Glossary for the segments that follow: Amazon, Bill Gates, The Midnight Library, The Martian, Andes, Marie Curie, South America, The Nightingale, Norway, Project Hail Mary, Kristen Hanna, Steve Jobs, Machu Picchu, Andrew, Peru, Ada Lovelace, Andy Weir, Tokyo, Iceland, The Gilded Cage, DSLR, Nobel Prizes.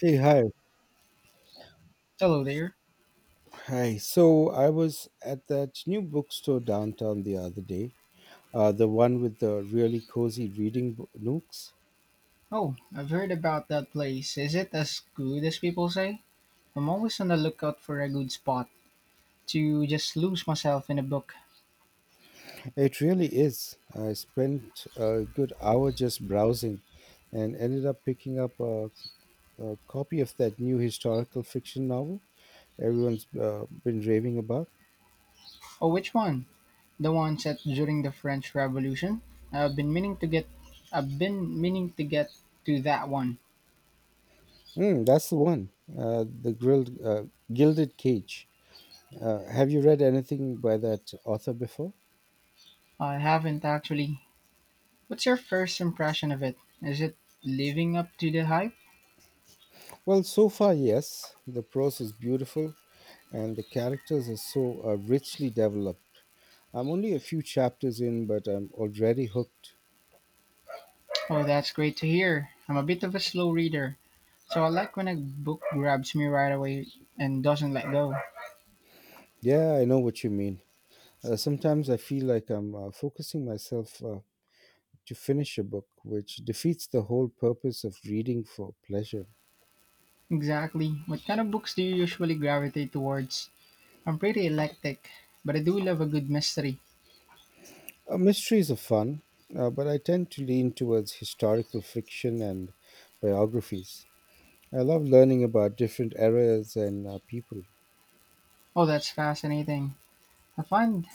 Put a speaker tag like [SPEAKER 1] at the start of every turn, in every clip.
[SPEAKER 1] Hey, hi.
[SPEAKER 2] Hello there.
[SPEAKER 1] Hi. So I was at that new bookstore downtown the other day, the one with the really cozy reading nooks.
[SPEAKER 2] Oh, I've heard about that place. Is it as good as people say? I'm always on the lookout for a good spot to just lose myself in a book.
[SPEAKER 1] It really is. I spent a good hour just browsing and ended up picking up a copy of that new historical fiction novel everyone's been raving about.
[SPEAKER 2] Oh, which one? The one set during the French Revolution? I've been meaning to get I've been meaning to get to that one.
[SPEAKER 1] Mm, that's the one, uh, The Grilled, uh, Gilded Cage. Have you read anything by that author before?
[SPEAKER 2] I haven't actually. What's your first impression of it? Is it living up to the hype?
[SPEAKER 1] Well, so far, yes. The prose is beautiful and the characters are so richly developed. I'm only a few chapters in, but I'm already hooked.
[SPEAKER 2] Oh, that's great to hear. I'm a bit of a slow reader, so I like when a book grabs me right away and doesn't let go.
[SPEAKER 1] Yeah, I know what you mean. Sometimes I feel like I'm focusing myself to finish a book, which defeats the whole purpose of reading for pleasure.
[SPEAKER 2] Exactly. What kind of books do you usually gravitate towards? I'm pretty eclectic, but I do love a good mystery.
[SPEAKER 1] Mysteries are fun, but I tend to lean towards historical fiction and biographies. I love learning about different eras and people.
[SPEAKER 2] Oh, that's fascinating. I find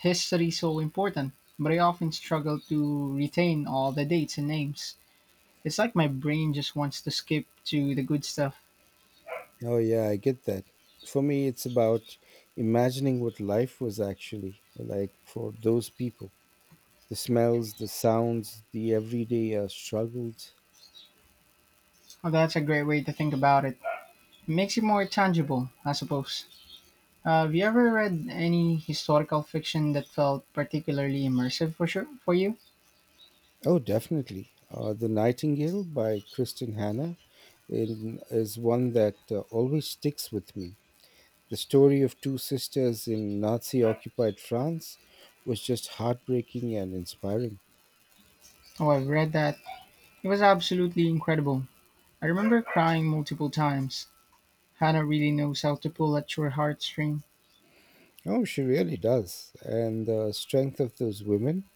[SPEAKER 2] history so important, but I often struggle to retain all the dates and names. It's like my brain just wants to skip to the good stuff.
[SPEAKER 1] Oh, yeah, I get that. For me, it's about imagining what life was actually like for those people. The smells, the sounds, the everyday struggles.
[SPEAKER 2] Oh, that's a great way to think about it. It makes it more tangible, I suppose. Have you ever read any historical fiction that felt particularly immersive for you?
[SPEAKER 1] Oh, definitely. The Nightingale by Kristen Hanna is one that always sticks with me. The story of two sisters in Nazi occupied France was just heartbreaking and inspiring.
[SPEAKER 2] Oh, I've read that. It was absolutely incredible. I remember crying multiple times. Hannah really knows how to pull at your heartstring.
[SPEAKER 1] Oh, she really does. And the strength of those women,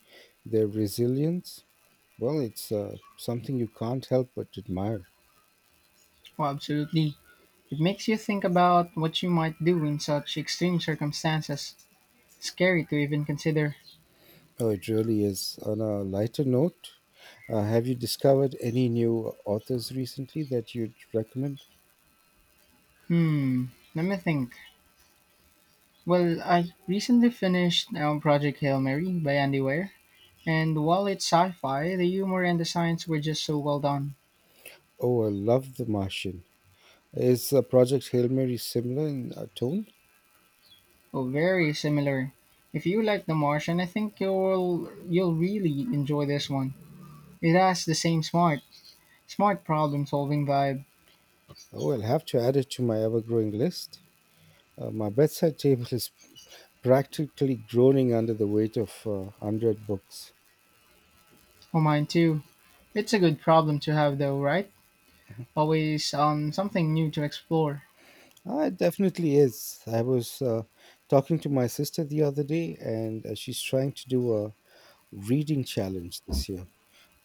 [SPEAKER 1] their resilience, well, it's something you can't help but admire.
[SPEAKER 2] Oh, absolutely. It makes you think about what you might do in such extreme circumstances. Scary to even consider.
[SPEAKER 1] Oh, it really is. On a lighter note, have you discovered any new authors recently that you'd recommend?
[SPEAKER 2] Hmm, let me think. Well, I recently finished Project Hail Mary by Andy Weir, and while it's sci fi, the humor and the science were just so well done.
[SPEAKER 1] Oh, I love The Martian. Is Project Hail Mary similar in tone?
[SPEAKER 2] Oh, very similar. If you like The Martian, I think you'll really enjoy this one. It has the same smart problem solving vibe.
[SPEAKER 1] Oh, I'll have to add it to my ever growing list. My bedside table is practically groaning under the weight of unread books.
[SPEAKER 2] Oh, mine too. It's a good problem to have though, right? Always something new to explore.
[SPEAKER 1] Ah, it definitely is. I was talking to my sister the other day, and she's trying to do a reading challenge this year,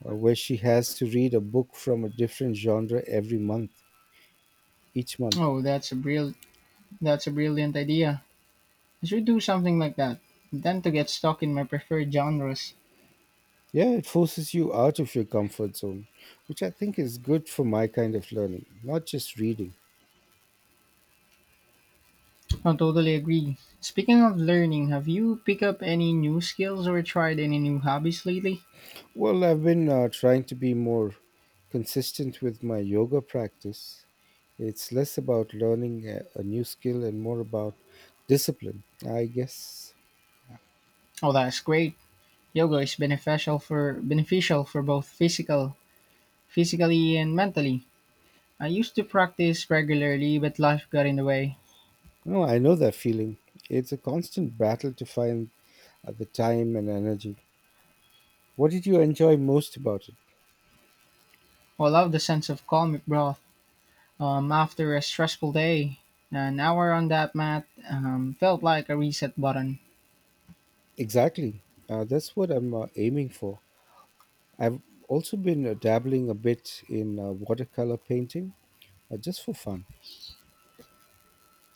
[SPEAKER 1] where she has to read a book from a different genre each month.
[SPEAKER 2] Oh, that's a brilliant idea. I should do something like that. Then to get stuck in my preferred genres.
[SPEAKER 1] Yeah, it forces you out of your comfort zone, which I think is good for my kind of learning, not just reading.
[SPEAKER 2] I totally agree. Speaking of learning, have you picked up any new skills or tried any new hobbies lately?
[SPEAKER 1] Well, I've been trying to be more consistent with my yoga practice. It's less about learning a new skill and more about discipline, I guess.
[SPEAKER 2] Oh, that's great. Yoga is beneficial for both physically and mentally. I used to practice regularly, but life got in the way.
[SPEAKER 1] No, I know that feeling. It's a constant battle to find the time and energy. What did you enjoy most about it?
[SPEAKER 2] Well, I love the sense of calm it brought after a stressful day. An hour on that mat felt like a reset button.
[SPEAKER 1] Exactly. That's what I'm aiming for. I've also been dabbling a bit in watercolor painting just for fun.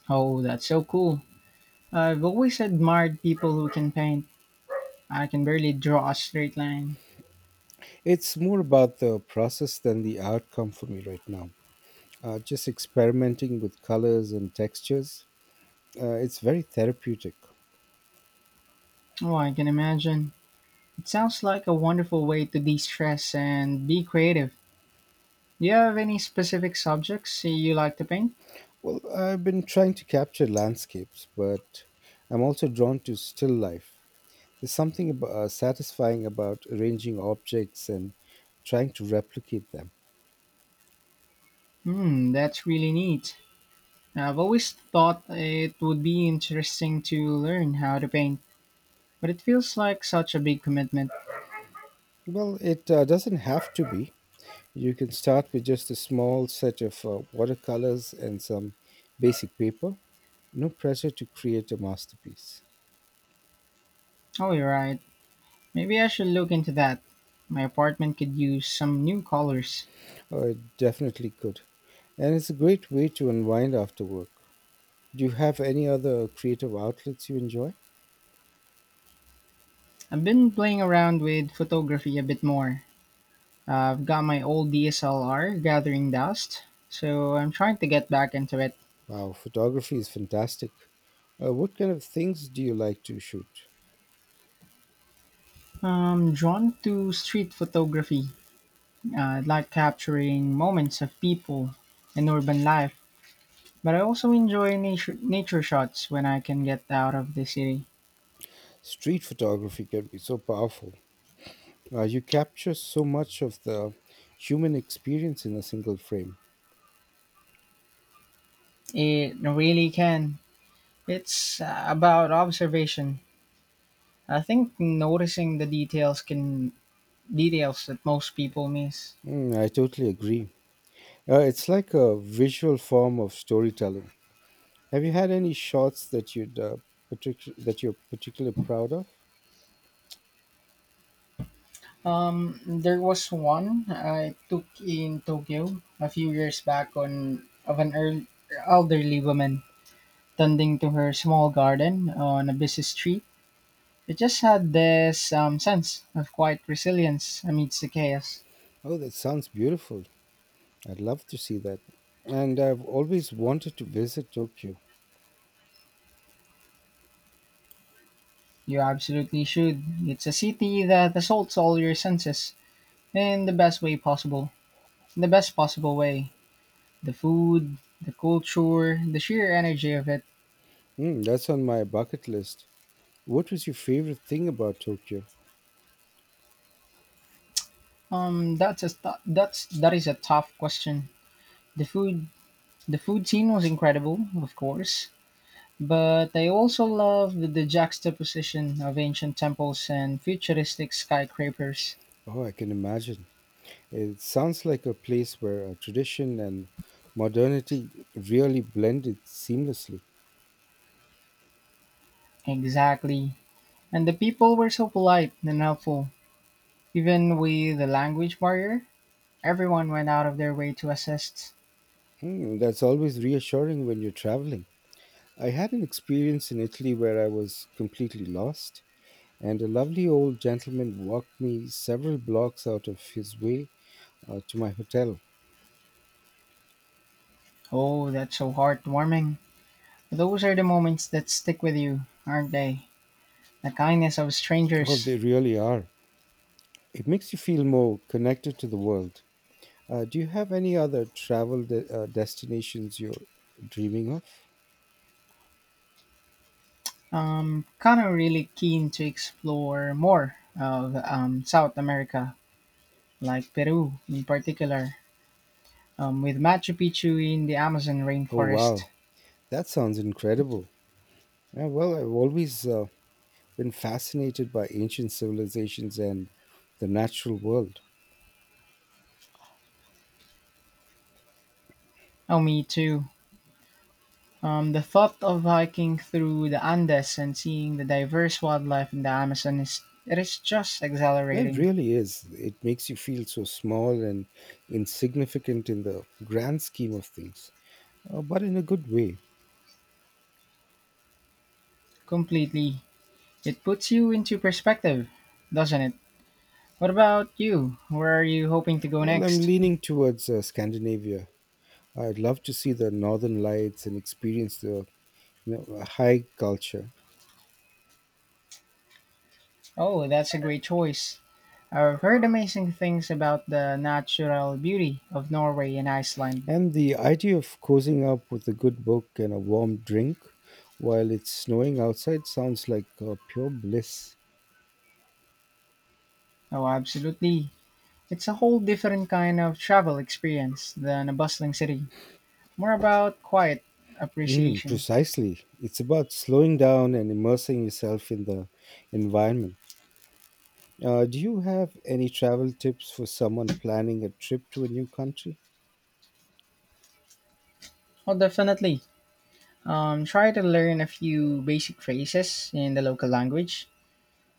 [SPEAKER 2] Oh, that's so cool. I've always admired people who can paint. I can barely draw a straight line.
[SPEAKER 1] It's more about the process than the outcome for me right now. Just experimenting with colors and textures. It's very therapeutic.
[SPEAKER 2] Oh, I can imagine. It sounds like a wonderful way to de stress and be creative. Do you have any specific subjects you like to paint?
[SPEAKER 1] Well, I've been trying to capture landscapes, but I'm also drawn to still life. There's something satisfying about arranging objects and trying to replicate them.
[SPEAKER 2] Hmm, that's really neat. I've always thought it would be interesting to learn how to paint, but it feels like such a big commitment.
[SPEAKER 1] Well, it doesn't have to be. You can start with just a small set of watercolors and some basic paper. No pressure to create a masterpiece.
[SPEAKER 2] Oh, you're right. Maybe I should look into that. My apartment could use some new colors.
[SPEAKER 1] Oh, it definitely could. And it's a great way to unwind after work. Do you have any other creative outlets you enjoy?
[SPEAKER 2] I've been playing around with photography a bit more. I've got my old DSLR gathering dust, so I'm trying to get back into it.
[SPEAKER 1] Wow, photography is fantastic. What kind of things do you like to shoot?
[SPEAKER 2] I'm drawn to street photography. I like capturing moments of people and urban life, but I also enjoy nature shots when I can get out of the city.
[SPEAKER 1] Street photography can be so powerful. You capture so much of the human experience in a single frame.
[SPEAKER 2] It really can. It's about observation. I think noticing the details that most people miss.
[SPEAKER 1] Mm, I totally agree. It's like a visual form of storytelling. Have you had any shots that that you're particularly proud of?
[SPEAKER 2] There was one I took in Tokyo a few years back on of an earl- elderly woman tending to her small garden on a busy street. It just had this sense of quiet resilience amidst the chaos.
[SPEAKER 1] Oh, that sounds beautiful. I'd love to see that. And I've always wanted to visit Tokyo.
[SPEAKER 2] You absolutely should. It's a city that assaults all your senses in the best possible way. The food, the culture, the sheer energy of it.
[SPEAKER 1] Mm, that's on my bucket list. What was your favorite thing about Tokyo?
[SPEAKER 2] That is a tough question. The food, the food scene was incredible, of course, but I also love the juxtaposition of ancient temples and futuristic skyscrapers.
[SPEAKER 1] Oh, I can imagine. It sounds like a place where tradition and modernity really blended seamlessly.
[SPEAKER 2] Exactly, and the people were so polite and helpful, even with the language barrier. Everyone went out of their way to assist.
[SPEAKER 1] Mm, that's always reassuring when you're traveling. I had an experience in Italy where I was completely lost, and a lovely old gentleman walked me several blocks out of his way to my hotel.
[SPEAKER 2] Oh, that's so heartwarming. Those are the moments that stick with you, aren't they? The kindness of
[SPEAKER 1] Oh,
[SPEAKER 2] strangers.
[SPEAKER 1] they really are. It makes you feel more connected to the world. Do you have any other travel destinations you're dreaming of?
[SPEAKER 2] Kind of really keen to explore more of South America, like Peru in particular, with Machu Picchu in the Amazon
[SPEAKER 1] Oh,
[SPEAKER 2] rainforest.
[SPEAKER 1] wow. That sounds incredible. Yeah, well, I've always been fascinated by ancient civilizations and the natural world.
[SPEAKER 2] Oh, me too. The thought of hiking through the Andes and seeing the diverse wildlife in the Amazon is it is just
[SPEAKER 1] Yeah, it
[SPEAKER 2] exhilarating,
[SPEAKER 1] really is. It makes you feel so small and insignificant in the grand scheme of things, but in a good way.
[SPEAKER 2] completely. It puts you into perspective, doesn't it? What about you? Where are you hoping to go
[SPEAKER 1] Well, I'm
[SPEAKER 2] next?
[SPEAKER 1] leaning towards Scandinavia. I'd love to see the northern lights and experience the you know, high culture.
[SPEAKER 2] Oh, that's a great choice. I've heard amazing things about the natural beauty of Norway and Iceland.
[SPEAKER 1] And the idea of cozying up with a good book and a warm drink while it's snowing outside sounds like pure bliss.
[SPEAKER 2] Oh, absolutely. It's a whole different kind of travel experience than a bustling city. More about quiet
[SPEAKER 1] Mm,
[SPEAKER 2] appreciation.
[SPEAKER 1] precisely. It's about slowing down and immersing yourself in the environment. Do you have any travel tips for someone planning a trip to a new country?
[SPEAKER 2] Oh, definitely. Try to learn a few basic phrases in the local language.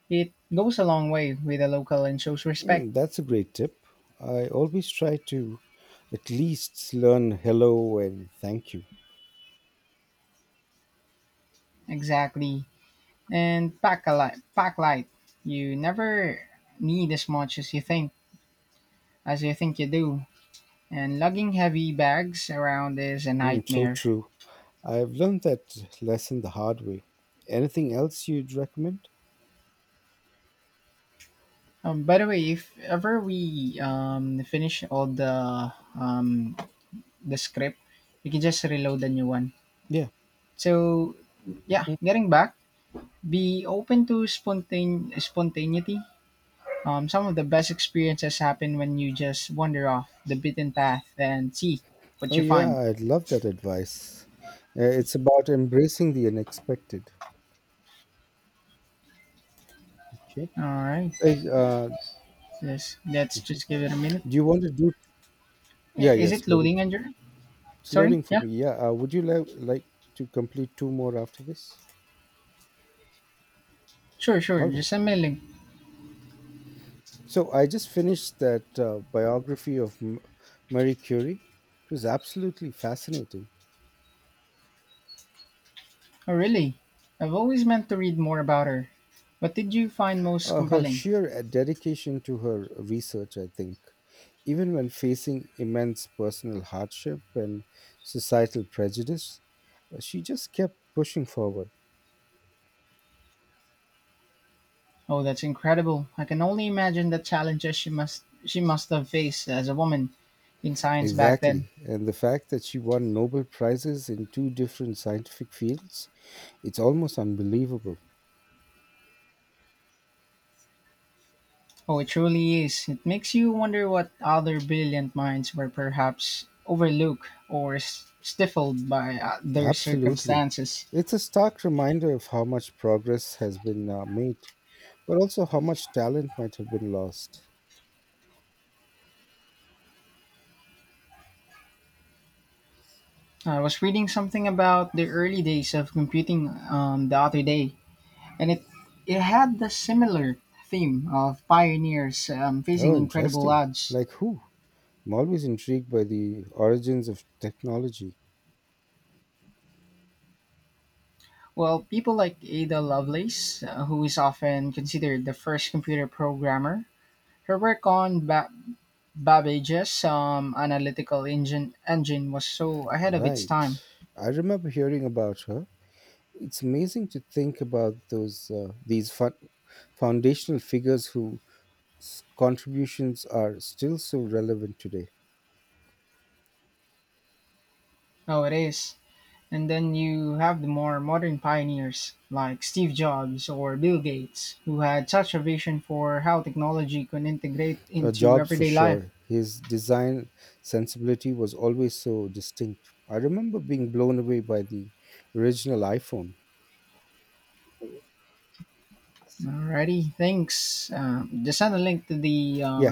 [SPEAKER 2] It goes a long way with the local and shows respect.
[SPEAKER 1] Mm, that's a great tip. I always try to at least learn hello and thank you.
[SPEAKER 2] Exactly. And pack a light. Pack light. You never need as much as you think you do. And lugging heavy bags around is a
[SPEAKER 1] Mm, so
[SPEAKER 2] nightmare.
[SPEAKER 1] true. I've learned that lesson the hard way. Anything else you'd recommend?
[SPEAKER 2] By the way, if ever we finish all um, the script, we can just reload the new one.
[SPEAKER 1] Yeah.
[SPEAKER 2] So yeah,
[SPEAKER 1] Mhm.
[SPEAKER 2] getting back, be open to spontaneity. Some of the best experiences happen when you just wander off the beaten path and see what
[SPEAKER 1] Oh,
[SPEAKER 2] you
[SPEAKER 1] yeah,
[SPEAKER 2] find.
[SPEAKER 1] I'd love that advice. It's about embracing the unexpected. Okay.
[SPEAKER 2] All right,
[SPEAKER 1] Hey,
[SPEAKER 2] let's just give it a minute.
[SPEAKER 1] do you want to do? Yeah, yeah,
[SPEAKER 2] Is
[SPEAKER 1] it's
[SPEAKER 2] it
[SPEAKER 1] loading.
[SPEAKER 2] loading, Andrew?
[SPEAKER 1] It's
[SPEAKER 2] Sorry.
[SPEAKER 1] loading for
[SPEAKER 2] Yeah.
[SPEAKER 1] me. Yeah. Would you like to complete 2 more after this?
[SPEAKER 2] Sure. Sure.
[SPEAKER 1] All right.
[SPEAKER 2] Just send me a link.
[SPEAKER 1] So I just finished that uh, biography of Marie Curie. It was absolutely fascinating.
[SPEAKER 2] Oh, really? I've always meant to read more about her. What did you find most
[SPEAKER 1] Her
[SPEAKER 2] compelling?
[SPEAKER 1] sheer dedication to her research, I think, even when facing immense personal hardship and societal prejudice, she just kept pushing forward.
[SPEAKER 2] Oh, that's incredible. I can only imagine the challenges she must have faced as a woman in science back then.
[SPEAKER 1] Exactly. And the fact that she won Nobel Prizes in two different scientific fields, it's almost unbelievable.
[SPEAKER 2] Oh, it truly is. It makes you wonder what other brilliant minds were perhaps overlooked or stifled by their
[SPEAKER 1] Absolutely.
[SPEAKER 2] circumstances.
[SPEAKER 1] It's a stark reminder of how much progress has been made, but also how much talent might have been lost.
[SPEAKER 2] I was reading something about the early days of computing the other day, and it had the similar theme of pioneers facing
[SPEAKER 1] Oh,
[SPEAKER 2] incredible
[SPEAKER 1] interesting.
[SPEAKER 2] odds.
[SPEAKER 1] Like who? I'm always intrigued by the origins of technology.
[SPEAKER 2] Well, people like Ada Lovelace, who is often considered the first computer programmer, her work on Babbage's analytical engine was so ahead of its
[SPEAKER 1] Right.
[SPEAKER 2] time.
[SPEAKER 1] I remember hearing about her. It's amazing to think about those these fun- foundational figures whose contributions are still so relevant today.
[SPEAKER 2] Oh, it is. And then you have the more modern pioneers like Steve Jobs or Bill Gates, who had such a vision for how technology could integrate into
[SPEAKER 1] Jobs for
[SPEAKER 2] everyday life.
[SPEAKER 1] sure. His design sensibility was always so distinct. I remember being blown away by the original iPhone.
[SPEAKER 2] Alrighty, thanks. Just send a link to the
[SPEAKER 1] Yeah,
[SPEAKER 2] um,